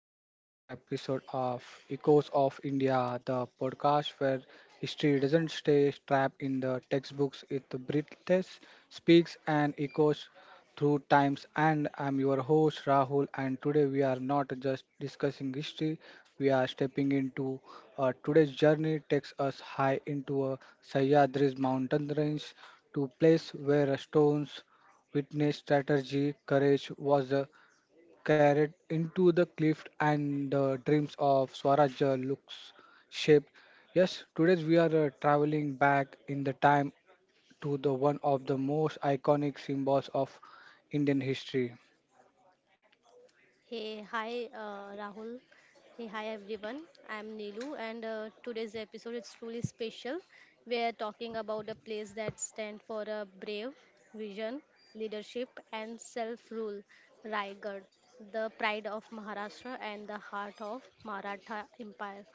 to another episode of Echoes of India, the podcast where history doesn't stay trapped in the textbooks, it breathes, speaks, and echoes through times. And I'm your host Rahul, and today we are not just discussing history, we are stepping into today's journey, takes us high into a Sahyadri's mountain range to place where stones witness strategy, courage was carried into the cliff and the dreams of Swaraj looks shaped. Yes, today we are traveling back in the time to the one of the most iconic symbols of Indian history. Hey, hi, Rahul. Hey, hi, everyone. I'm Nilu, and today's episode is truly special. We're talking about a place that stands for a brave vision, leadership, and self-rule, Raigad, the pride of Maharashtra and the heart of Maratha Empire.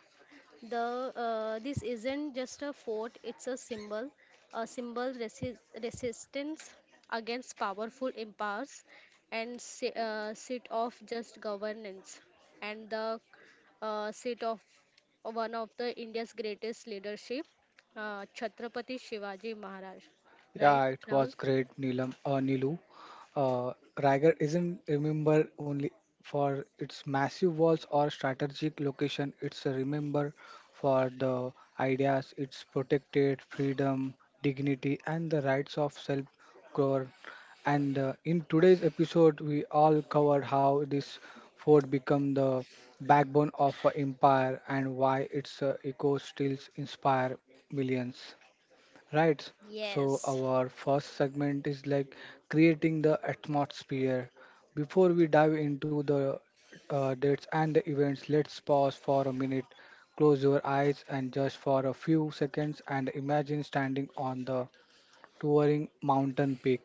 The This isn't just a fort; it's a symbol resistance against powerful empires and seat of just governance and the seat of one of the India's greatest leadership, Chhatrapati Shivaji Maharaj. Right, Yeah, it Rahul? was great, Neelam. Nilu. Riger isn't remembered only for its massive walls or strategic location. It's a remember for the ideas it's protected, freedom, dignity, and the rights of self-government. And in today's episode, we all covered how this fort became the backbone of an empire and why its echoes still inspire millions. Right. So Yes, our first segment is like creating the atmosphere. Before we dive into the dates and the events, let's pause for a minute, close your eyes, and just for a few seconds, and imagine standing on the towering mountain peak.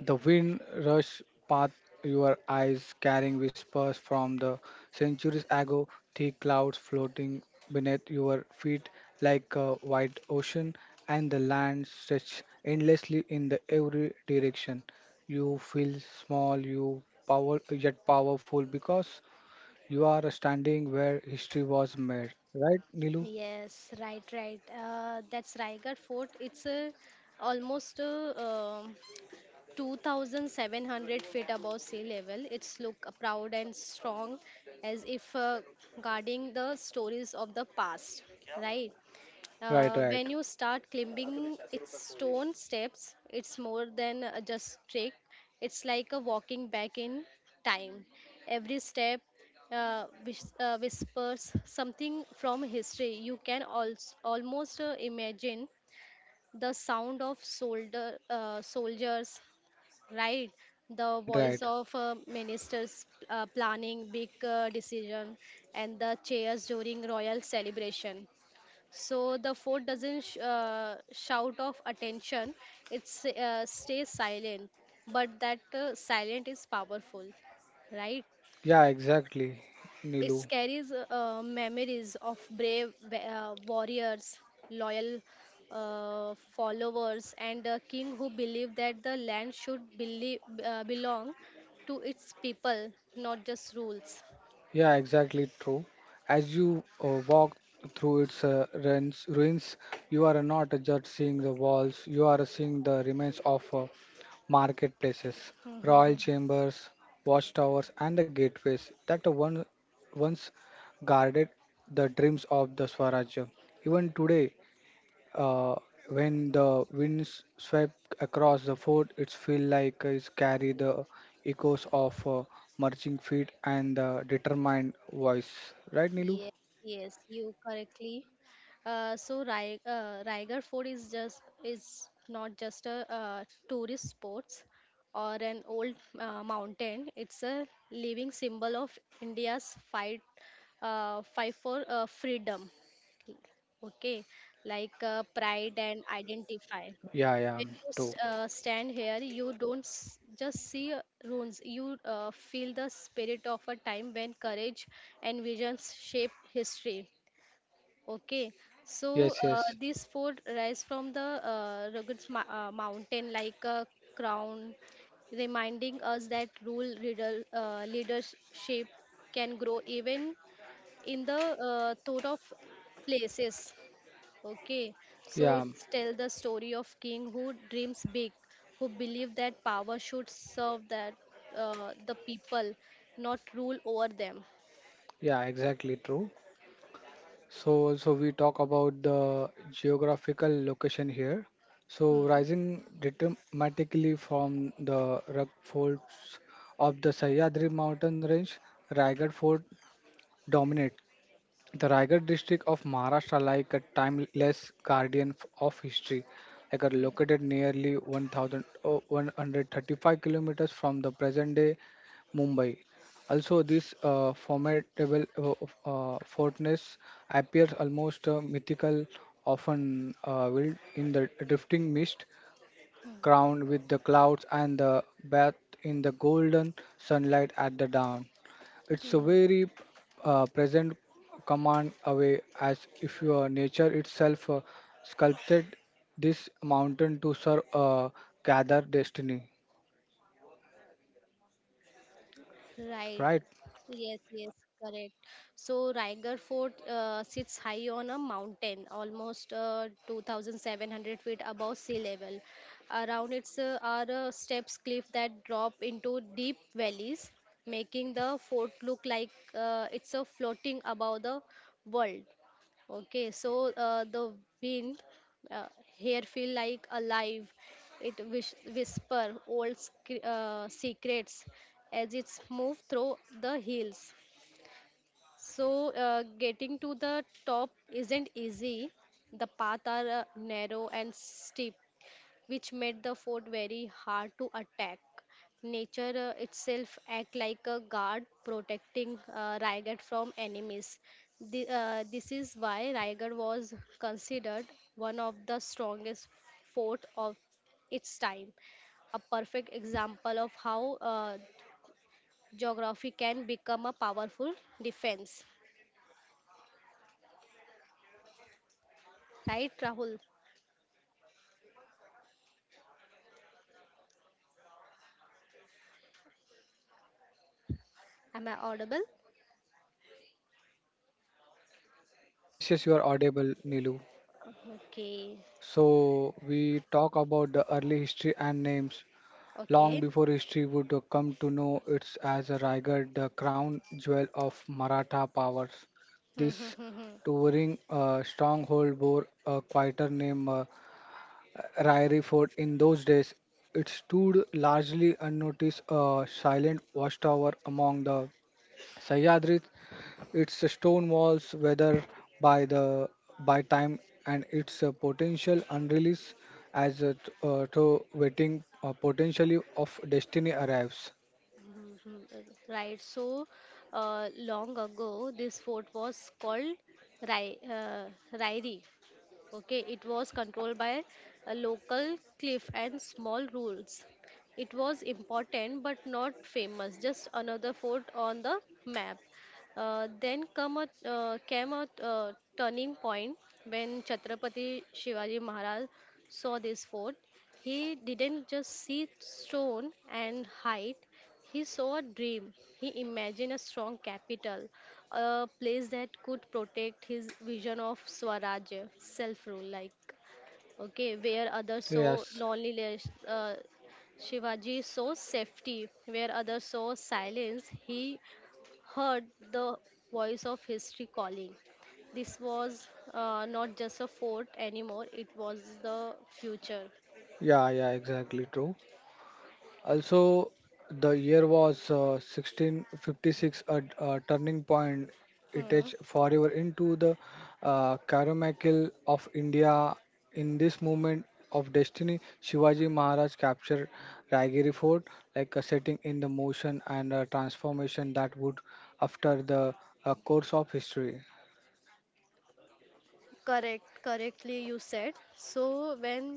The wind rushed past your eyes, carrying whispers from the centuries ago, thick clouds floating beneath your feet like a wide ocean, and the land stretched endlessly in the every direction. You feel small, you power yet powerful because you are standing where history was made. Right, Nilu? yes, right, right. That's Raigad Fort. It's a almost a, um 2,700 feet above sea level. It's look proud and strong, as if guarding the stories of the past. Right? Right, right. When you start climbing its stone steps, it's more than just trick. It's like a walking back in time. Every step whispers something from history. You can almost imagine the sound of soldiers, right? The Right, voice right. of ministers planning big decision and the chairs during royal celebration. So the fort doesn't shout of attention; it stays silent. But that silent is powerful, right? Yeah, exactly, It Nilu. carries memories of brave warriors, loyal followers, and a king who believed that the land should believe, belong to its people, not just rules. Yeah, exactly true. As you walk through its ruins, you are not just seeing the walls, you are seeing the remains of marketplaces, royal chambers, watchtowers, and the gateways that once guarded the dreams of the Swaraj. Even today, uh, when the winds swept across the fort, it felt like it carried the echoes of marching feet and the determined voice. Right, Nilu? Yes, yes, you correctly. So Raigarh Fort is just is not just a tourist sports or an old mountain. It's a living symbol of India's fight for freedom. Okay, like pride and identify. Yeah, yeah, When you true. Stand here, you don't just see ruins, you feel the spirit of a time when courage and visions shape history. Okay, so Yes, yes. these four rise from the rugged mountain like a crown, reminding us that leadership can grow even in the thought of places. Okay, so Yeah, it's tell the story of king who dreams big, who believe that power should serve that the people, not rule over them. yeah, exactly true. So also we talk about the geographical location here. So Hmm. rising dramatically from the rock folds of the Sahyadri mountain range, Raigad fort dominates the Raigad district of Maharashtra, like a timeless guardian of history, like are Hmm, located nearly 1000, oh, kilometers from the present-day Mumbai. Also, this uh, formidable fortress appears almost mythical, often veiled in the drifting mist, crowned with the clouds and the bath in the golden sunlight at the dawn. It's a hmm. very present command away, as if your nature itself sculpted this mountain to serve gather destiny. Right. Right? Yes, yes, correct. So Raigarh Fort sits high on a mountain, almost 2,700 feet above sea level. Around it are steps cliff that drop into deep valleys, making the fort look like it's floating above the world. Okay, so the wind uh, here feel like alive. It whisper old secrets as it's move through the hills. So getting to the top isn't easy. The path are narrow and steep, which made the fort very hard to attack. Nature itself act like a guard protecting Raigad from enemies. This is why Raigad was considered one of the strongest fort of its time, a perfect example of how geography can become a powerful defense. Right, Rahul? Am I audible? Yes, yes, you are audible, Nilu. Okay, So we talk about the early history and names. Long okay. before history would come to know it's as a Raigad, the crown jewel of Maratha powers. This towering stronghold bore a quieter name, Ryrie Fort in those days, it stood largely unnoticed, a silent watchtower among the Sahyadris. Its stone walls weathered by the by time and its potential unreleased as a though waiting potentially of destiny arrives. Mhm. Right, so long ago, this fort was called Rai, uh, Rairi. Okay, it was controlled by a local cliff and small rules. It was important but not famous, just another fort on the map. Then came a turning point when Chhatrapati Shivaji Maharaj saw this fort. He didn't just see stone and height, he saw a dream. He imagined a strong capital, a place that could protect his vision of Swaraj, self rule, like, okay, where others saw Yes, loneliness. Shivaji saw safety, where others saw silence. He heard the voice of history calling. This was not just a fort anymore, it was the future. yeah, yeah, exactly true. Also, the year was 1656, a turning point. It Mm, is forever into the Carmichael of India. In this moment of destiny, Shivaji Maharaj captured Raigiri Fort, like a setting in the motion and a transformation that would after the course of history. correct, correctly you said. So when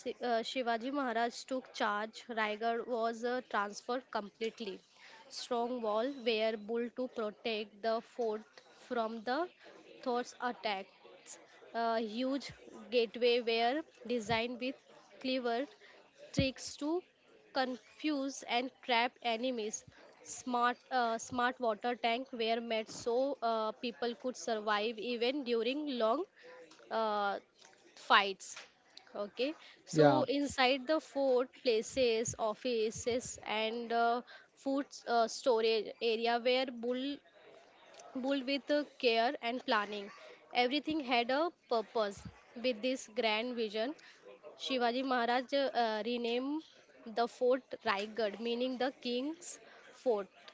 Shivaji Maharaj took charge. Raigad was transferred completely. Strong wall were built to protect the fort from the Thor's attacks. A huge gateway were designed with clever tricks to confuse and trap enemies. Smart, smart water tank were made so people could survive even during long uh, fights. Okay, so Yeah, inside the fort places offices and food storage area were bull with care and planning. Everything had a purpose. With this grand vision, shivaji maharaj renamed the fort raigad, meaning the king's fort.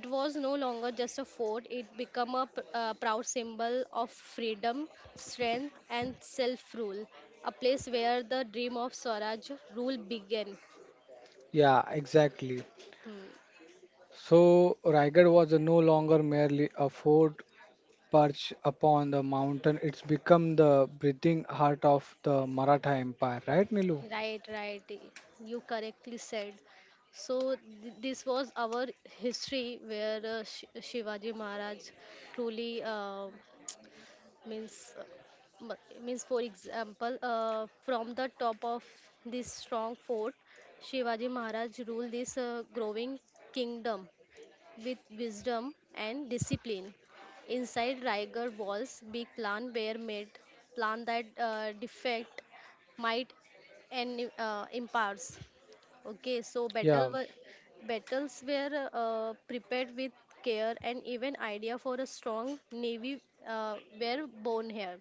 It was no longer just a fort, it became a proud symbol of freedom, strength, and self rule, a place where the dream of Swaraj rule began. yeah, exactly. Hmm. So Raigad was no longer merely a fort, perched upon the mountain, it's become the breathing heart of the Maratha Empire, right, Nilu? Right, right. You correctly said. So, this was our history where Shivaji Maharaj truly. Means uh, means for example from the top of this strong fort shivaji maharaj ruled this growing kingdom with wisdom and discipline. Inside Raigarh walls big plan were made, plan that defect might and empires. Okay, so Yeah, battles were prepared with care, and even idea for a strong navy were born here.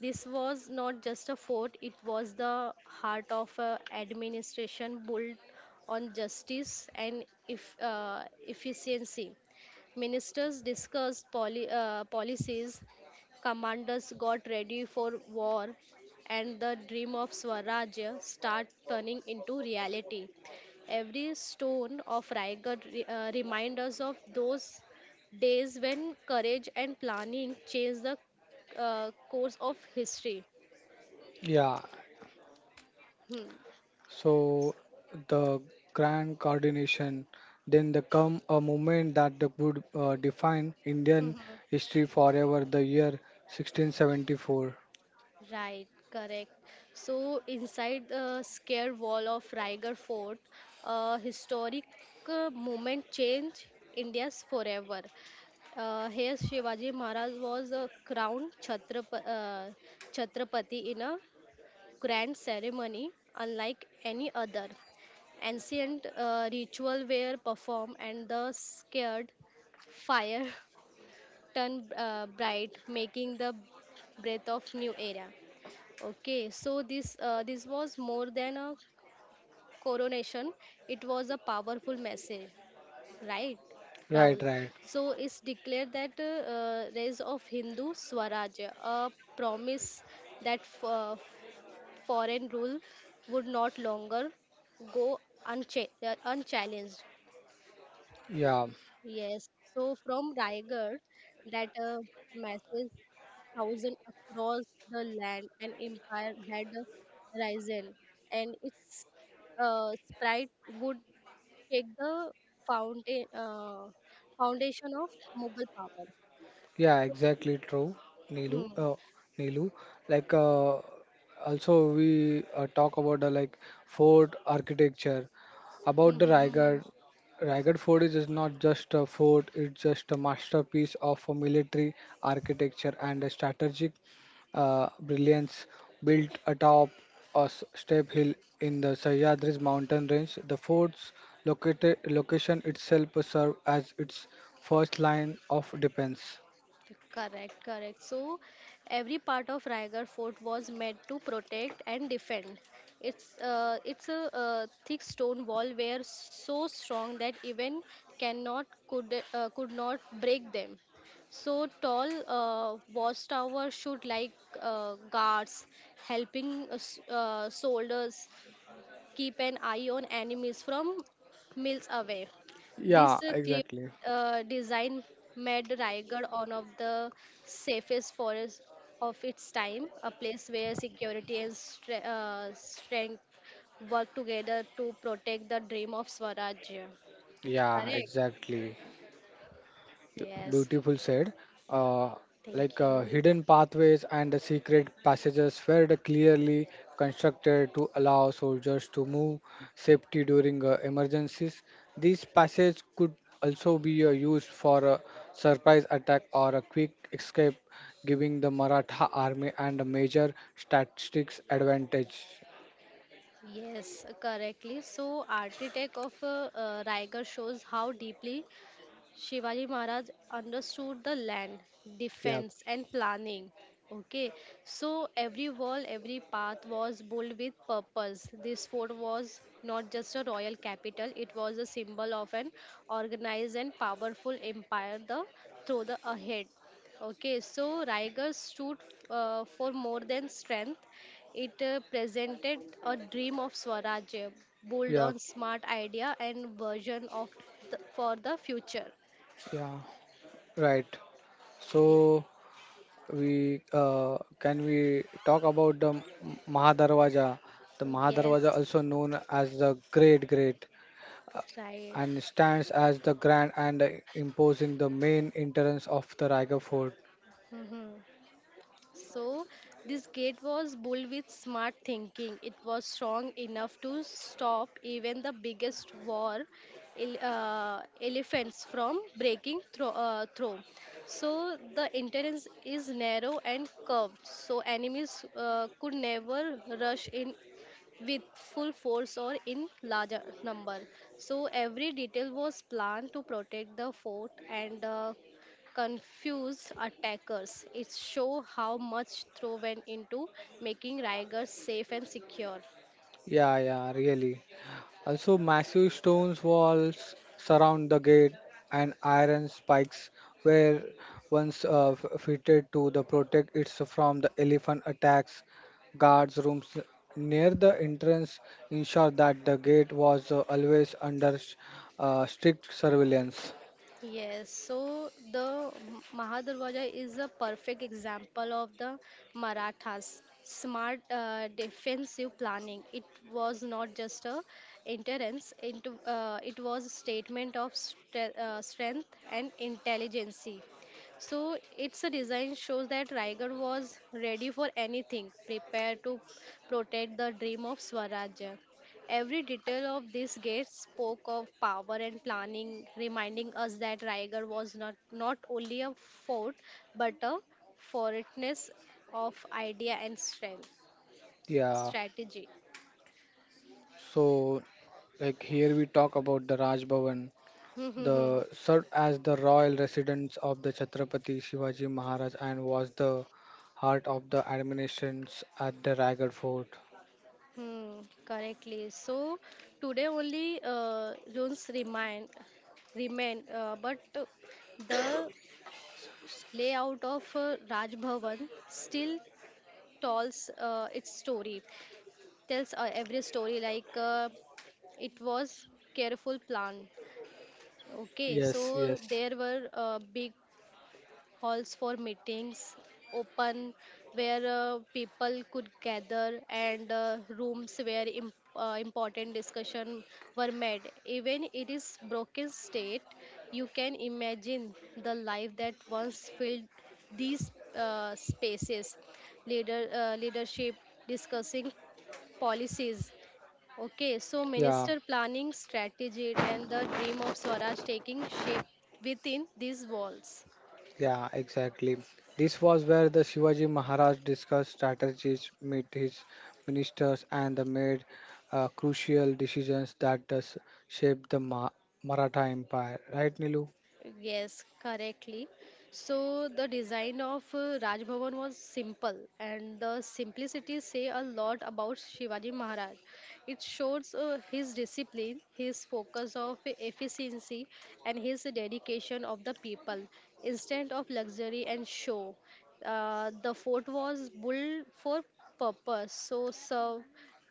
This was not just a fort, it was the heart of a administration built on justice and if efficiency. Ministers discussed policies, commanders got ready for war, and the dream of swarajya start turning into reality. Every stone of Raigad reminds us of those days when courage and planning changed the course of history. yeah. Hmm. So the grand coordination, then the come a moment that the would define Indian Mhm. history forever. The year 1674. Right, correct. So, inside the scare wall of Raigarh Fort, a historic moment changed India's forever. Here, Shivaji Maharaj was crowned Chhatrapati in a grand ceremony unlike any other. Ancient ritual were performed and the scared fire turn bright, making the breath of new era. Okay, so this was more than a coronation; it was a powerful message, right, Right, Rahul? right. So it's declared that rise of Hindu Swaraj, a promise that foreign rule would not longer go unchallenged. Yeah. Yes, so from Raigad, that masses thousand across the land, an empire had risen, and its sprite would shake the fountain, uh, foundation of Mughal power. Yeah, exactly true, Nilu. Hmm. Nilu, like also we talk about the like fort architecture. About the Raigad Fort is just not just a fort; it's just a masterpiece of a military architecture and a strategic brilliance built atop a steep hill in the Sahyadris mountain range. The fort's located location itself served as its first line of defense. Correct, correct. So every part of Raigad Fort was meant to protect and defend. It's a thick stone wall were so strong that even cannot could could not break them. So tall watchtower should like guards helping soldiers keep an eye on enemies from miles away. This Yeah, clear exactly. Design made Raigad one of the safest forests of its time, a place where security and strength work together to protect the dream of Swarajya. Yeah, Correct? exactly. You- Yes. Beautiful said. Uh, Thank you. hidden pathways and the secret passages were the clearly constructed to allow soldiers to move safety during emergencies. These passages could also be used for a surprise attack or a quick escape, giving the Maratha army and a major statistics advantage. Yes, correctly. So, architect of Raigad shows how deeply Shivaji Maharaj understood the land, Yeah, defense, and planning. Okay, so every wall, every path was built with purpose. This fort was not just a royal capital, it was a symbol of an organized and powerful empire through the ahead. Okay, so Raigarh stood for more than strength. It presented a dream of Swaraj, built yeah, on smart idea and version of for the future. yeah. Right. So, Ye- we can we talk about the Mahadarwaja? The Mahadarwaja, Yes, also known as the Great, uh, right. and stands as the grand and imposing the main entrance of the Raigad Fort. Mhm. So, this gate was built with smart thinking. It was strong enough to stop even the biggest war ele- uh, elephants from breaking through. So, the entrance is narrow and curved, so enemies could never rush in with full force or in larger number. So every detail was planned to protect the fort and confuse attackers. It show how much throw went into making Raigad safe and secure. Yeah, yeah, really. Also, massive stone walls surround the gate, and iron spikes were once fitted to the protect it from the elephant attacks. Guards' rooms near the entrance ensure that the gate was always under strict surveillance. Yes, so the Mahadurvaja is a perfect example of the Marathas smart defensive planning. It was not just a interference; it was a statement of strength and intelligence. So its design shows that Riger was ready for anything, prepared to protect the dream of Swaraj. Every detail of this gate spoke of power and planning, reminding us that Raigad was not, not only a fort but a fortress of idea and strength, Yeah. strategy. So, like here we talk about the Raj Bhavan. Hmm, hmm, hmm. The served as the royal residence of the Chhatrapati Shivaji Maharaj and was the heart of the administrations at the Raigad Fort. Hmm, correctly. So today only runes remain, but the layout of Raj Bhavan still tells its story. Tells every story, like it was careful planned. Okay, so Yes, yes. there were big halls for meetings open where people could gather and rooms where important discussion were made. Even it is broken state, you can imagine the life that once filled these spaces, leadership discussing policies. Okay, so Yeah, minister planning strategy and the dream of Swaraj taking shape within these walls. yeah, exactly. This was where the Shivaji Maharaj discussed strategies, met his ministers, and they made crucial decisions that does shape the Maratha Empire. Right, Nilu? Yes, correctly. So the design of Raj Bhavan was simple, and the simplicity say a lot about Shivaji Maharaj. It shows his discipline, his focus of efficiency, and his dedication of the people instead of luxury and show. The fort was built for purpose, so serve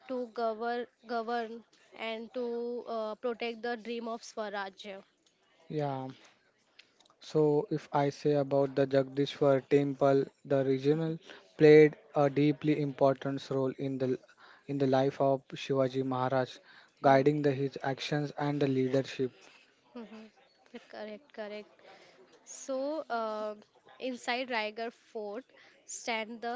to govern, and to protect the dream of Swaraj. Yeah. So, if I say about the Jagdishwar temple, the regional played a deeply important role in the life of Shivaji Maharaj, Hmm. guiding the, his actions and the leadership. Mhm. Correct, correct. So, inside Raigarh Fort stand the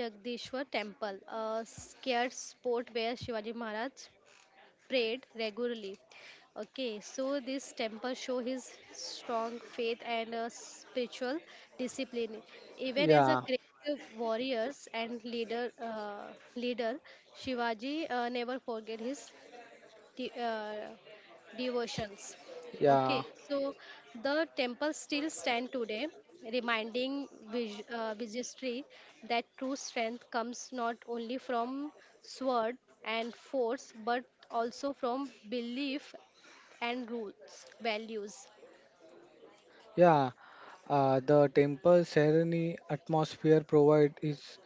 Jagdishwar Temple, a scared spot where Shivaji Maharaj prayed regularly. Okay, so this temple show his strong faith and spiritual discipline. Even as a Yeah, great warriors and leader Shivaji never forget his de- uh, devotions. Okay, yeah, so the temples still stand today, reminding Vijayashree that true strength comes not only from sword and force but also from belief and rules, values. yeah. The temple serene atmosphere provide his,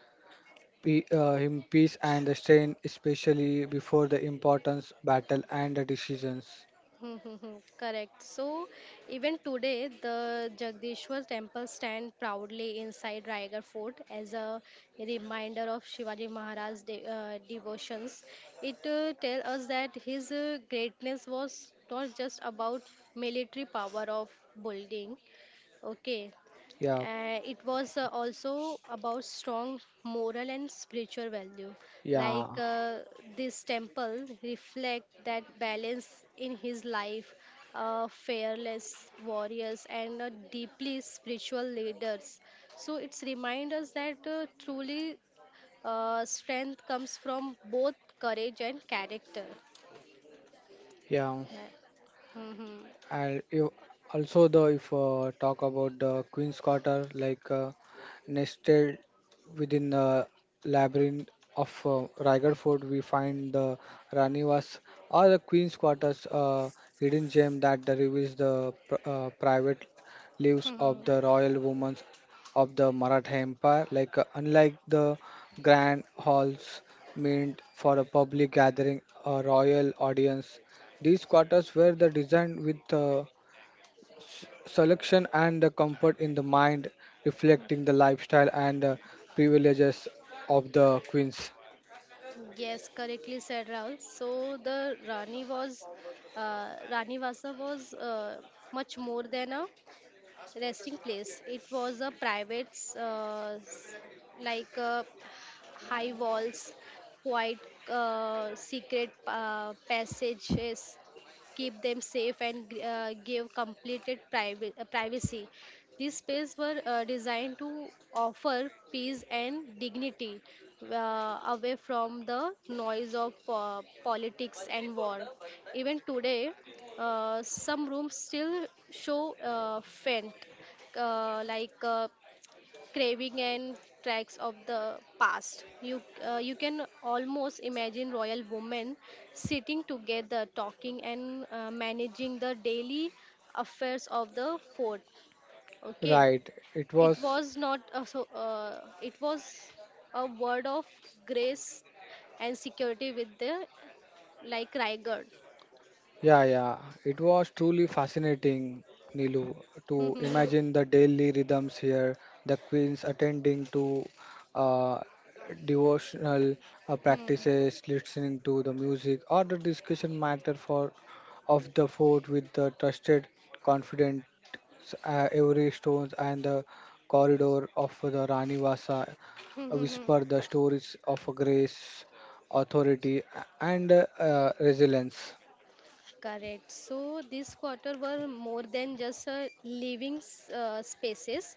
him peace and the strength, especially before the importance battle and the decisions. Correct. So even today, the Jagdishwar temple stand proudly inside Raigarh Fort as a reminder of Shivaji Maharaj's devotions. It tells us that his greatness was not just about military power of building, okay. Yeah, It was also about strong moral and spiritual value. yeah, Like this temple reflect that balance in his life, fearless warriors and deeply spiritual leaders. So it's remind us that truly strength comes from both courage and character. yeah. Yeah. Mhm. And you also the if talk about the queen's quarter like nested within the labyrinth of Raigad Fort we find the Ranivas or the queen's quarters hidden gem that the reveals the private lives of Mhm. the royal women of the Maratha Empire like unlike the grand halls meant for a public gathering a royal audience these quarters were the designed with selection and the comfort in the mind, reflecting the lifestyle and the privileges of the queens. Yes, correctly said, Rahul. So the Rani was, Rani Vasa was much more than a resting place. It was a private, uh, s- like high walls, quiet, secret passages keep them safe and give completed privacy. These spaces were designed to offer peace and dignity away from the noise of politics and war. Even today, some rooms still show faint, like craving and tracks of the past. You can almost imagine royal women sitting together, talking and managing the daily affairs of the fort. Okay, Right. It it was, was not a, it was a word of grace and security with the like Raigad. yeah, yeah. It was truly fascinating, Nilu, Hmm, to hmm, imagine the daily rhythms here, the queens attending to uh, devotional hmm. practices, listening to the music, or the discussion matter for of the fort with the trusted, confident every stones and the corridor of the Rani Vasa Hmm, hmm, hmm. whisper the stories of grace, authority, and resilience. Correct. So these quarter were more than just uh, living spaces.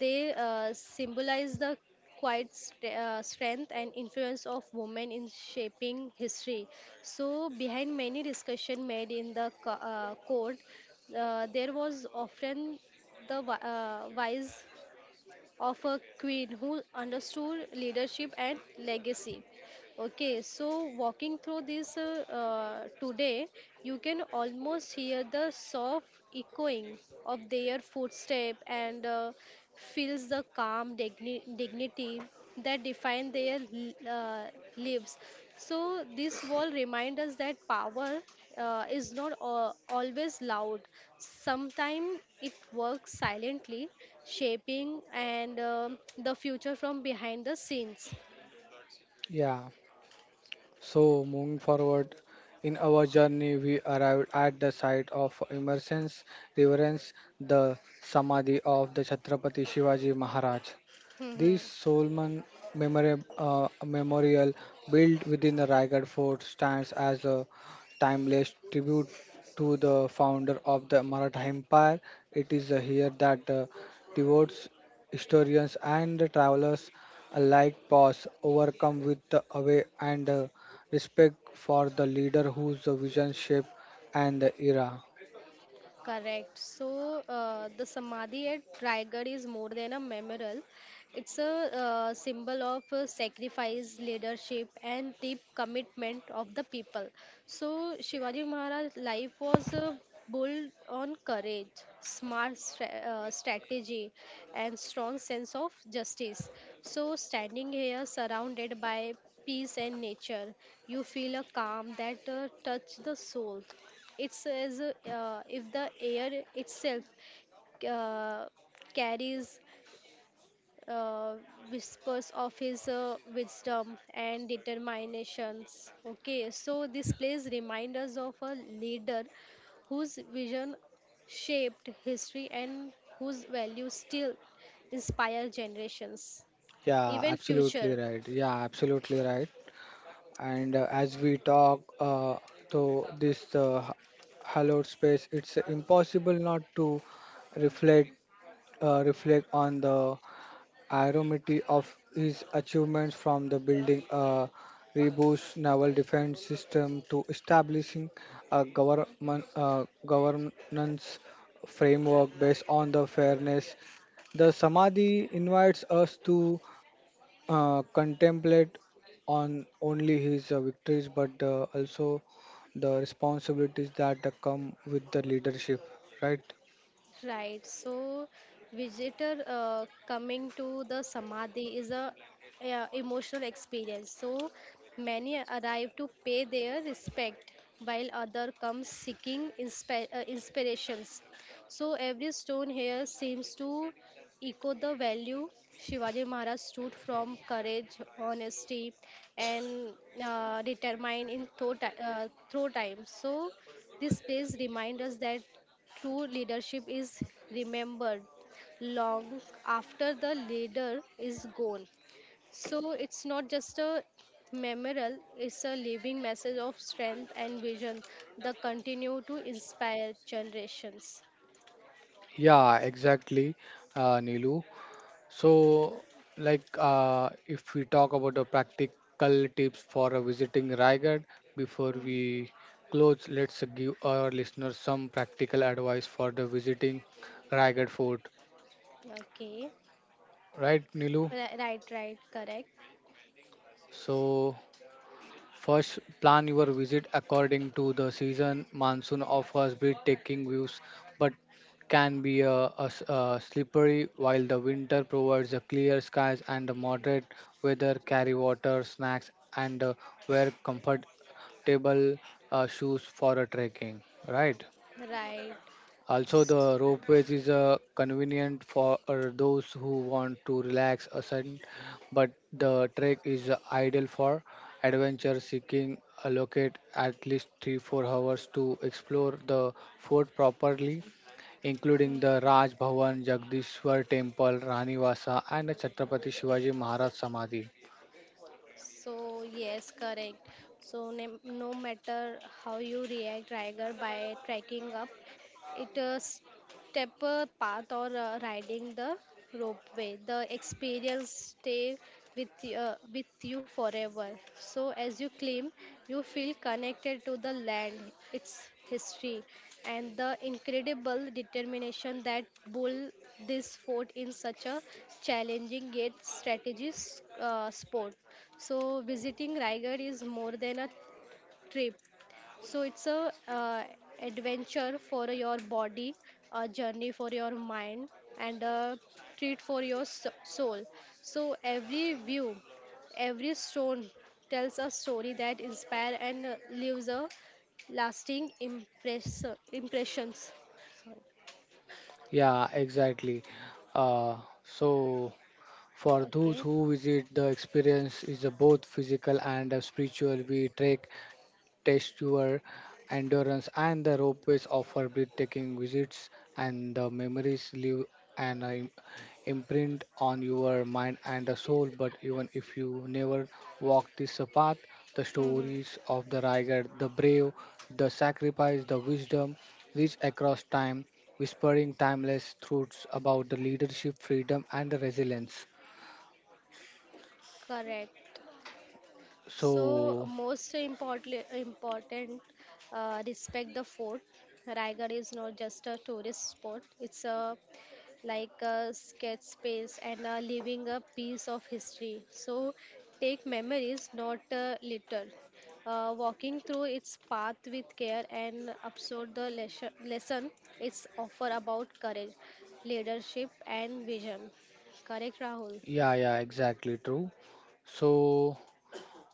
They symbolize the quiet strength and influence of women in shaping history. So behind many discussion made in the court, there was often the wise of a queen who understood leadership and legacy. Okay, so walking through this today, you can almost hear the soft echoing of their footstep and feels the calm dignity that define their lives. So this wall reminds us that power is not always loud. Sometimes it works silently, shaping and the future from behind the scenes. Yeah. So moving forward in our journey, we arrived at the site of immersion reverence, the samadhi of the Chhatrapati Shivaji Maharaj. This Solman memorial built within the Raigad fort stands as a timeless tribute to the founder of the Maratha Empire. It is here that devotes, historians, and the travelers alike pause, overcome with the awe and respect for the leader whose vision shaped and the era. Correct. So the samadhi at Raigad is more than a memorial. It's a symbol of sacrifice, leadership, and deep commitment of the people. So Shivaji Maharaj's life was built on courage, smart strategy, and strong sense of justice. So standing here, surrounded by peace and nature, you feel a calm that touch the soul. It says if the air itself uh, carries uh, whispers of his wisdom and determinations. Okay, so this place reminds us of a leader whose vision shaped history and whose values still inspire generations, Yeah, even absolutely future. right. Yeah, absolutely right. And as we talk to this hallowed space, it's impossible not to reflect reflect on the irony of his achievements from the building a robust naval defense system to establishing a government governance framework based on the fairness, the samadhi invites us to contemplate on only his victories but also the responsibilities that come with the leadership, right? Right. So, visitor coming to the samadhi is a, emotional experience. So, many arrive to pay their respect, while other come seeking inspirations. So, every stone here seems to echo the value Shivaji Maharaj stood from courage, honesty, and determined in through, through time. So, this place reminds us that true leadership is remembered long after the leader is gone. So it's not just a memorial, it's a living message of strength and vision that continue to inspire generations. Yeah, exactly, Nilu. So, like, if we talk about the practical tips for visiting Raigad before Hmm, we close, let's give our listeners some practical advice for the visiting Raigad Fort, okay. right, Nilu? Right, right, correct. So, first, plan your visit according to the season. Monsoon offers breathtaking views but can be a slippery, while the winter provides the clear skies and the moderate weather. Carry water, snacks, and wear comfortable shoes for a trekking. Right? Right. Also, the ropeways is convenient for those who want to relax a sudden, but the trek is ideal for adventure seeking. Allocate at least 3 4 hours to explore the fort properly, including the Hmm. Raj Bhavan, Jagdishwar Temple, Rani Vasa, and the Chhatrapati Shivaji Maharaj Samadhi. So yes, correct. So no matter how you react, Tiger, by tracking up, it stepper path or riding the ropeway. The experience stay with with you forever. So as you climb, you feel connected to the land, its history, and the incredible determination that bull this fort in such a challenging yet strategies sport. So visiting Raigad is more than a trip so it's a adventure for your body a journey for your mind and a treat for your soul so every view every stone tells a story that inspire and leaves a lasting impressions. Yeah, exactly. Uh, so. For those Okay. who visit, the experience is a both physical and a spiritual. We trek, test your endurance, and the ropeways offer breathtaking visits, and the memories leave an im- imprint on your mind and the soul. But even if you never walk this path, the Hmm. stories of the Raigar, the brave, the sacrifice, the wisdom reach across time, whispering timeless truths about the leadership, freedom, and the resilience. Correct. So So, most importantly, important, respect the fort. Raigad is not just a tourist spot; it's a like a sketch space and leaving a piece of history. So take memories, not litter. Walking through its path with care and absorb the lesson it's offer about courage, leadership, and vision. Correct, Rahul? yeah, yeah, exactly true. So,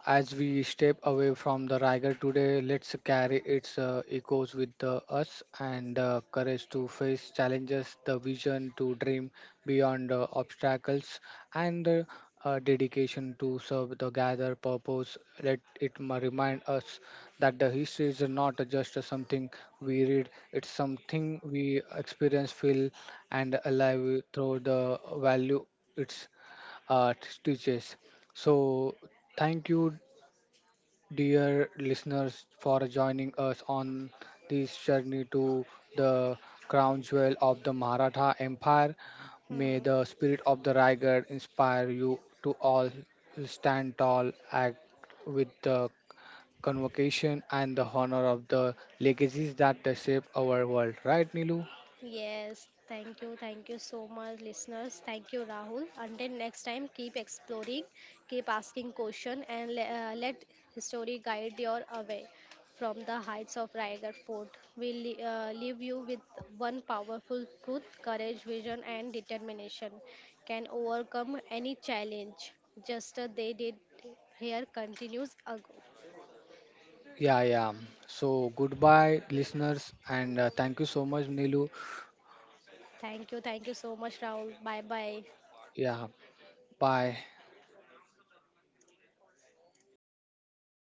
as we step away from the Riger today, let's carry its echoes with us and the courage to face challenges, the vision to dream beyond obstacles, and the dedication to serve the gather purpose. Let it remind us that the history is not just something we read, it's something we experience, feel, and alive through the value it uh, teaches. So, thank you dear listeners, for joining us on this journey to the crown jewel of the Maratha Empire. May Hmm. the spirit of the Raigad inspire you to all stand tall, act with the convocation and the honor of the legacies that they shape our world. Right, Nilu? Yes, thank you. Thank you so much, listeners. Thank you, Rahul. Until next time, keep exploring, keep asking questions, and let history guide your away from the heights of Raigarh Fort. We leave you with one powerful truth courage, vision, and determination can overcome any challenge. Just as they did here continues ago. Yeah, yeah. So goodbye, listeners, and thank you so much, Nilu. Thank you. Thank you so much, Rahul. Bye bye. Yeah, bye.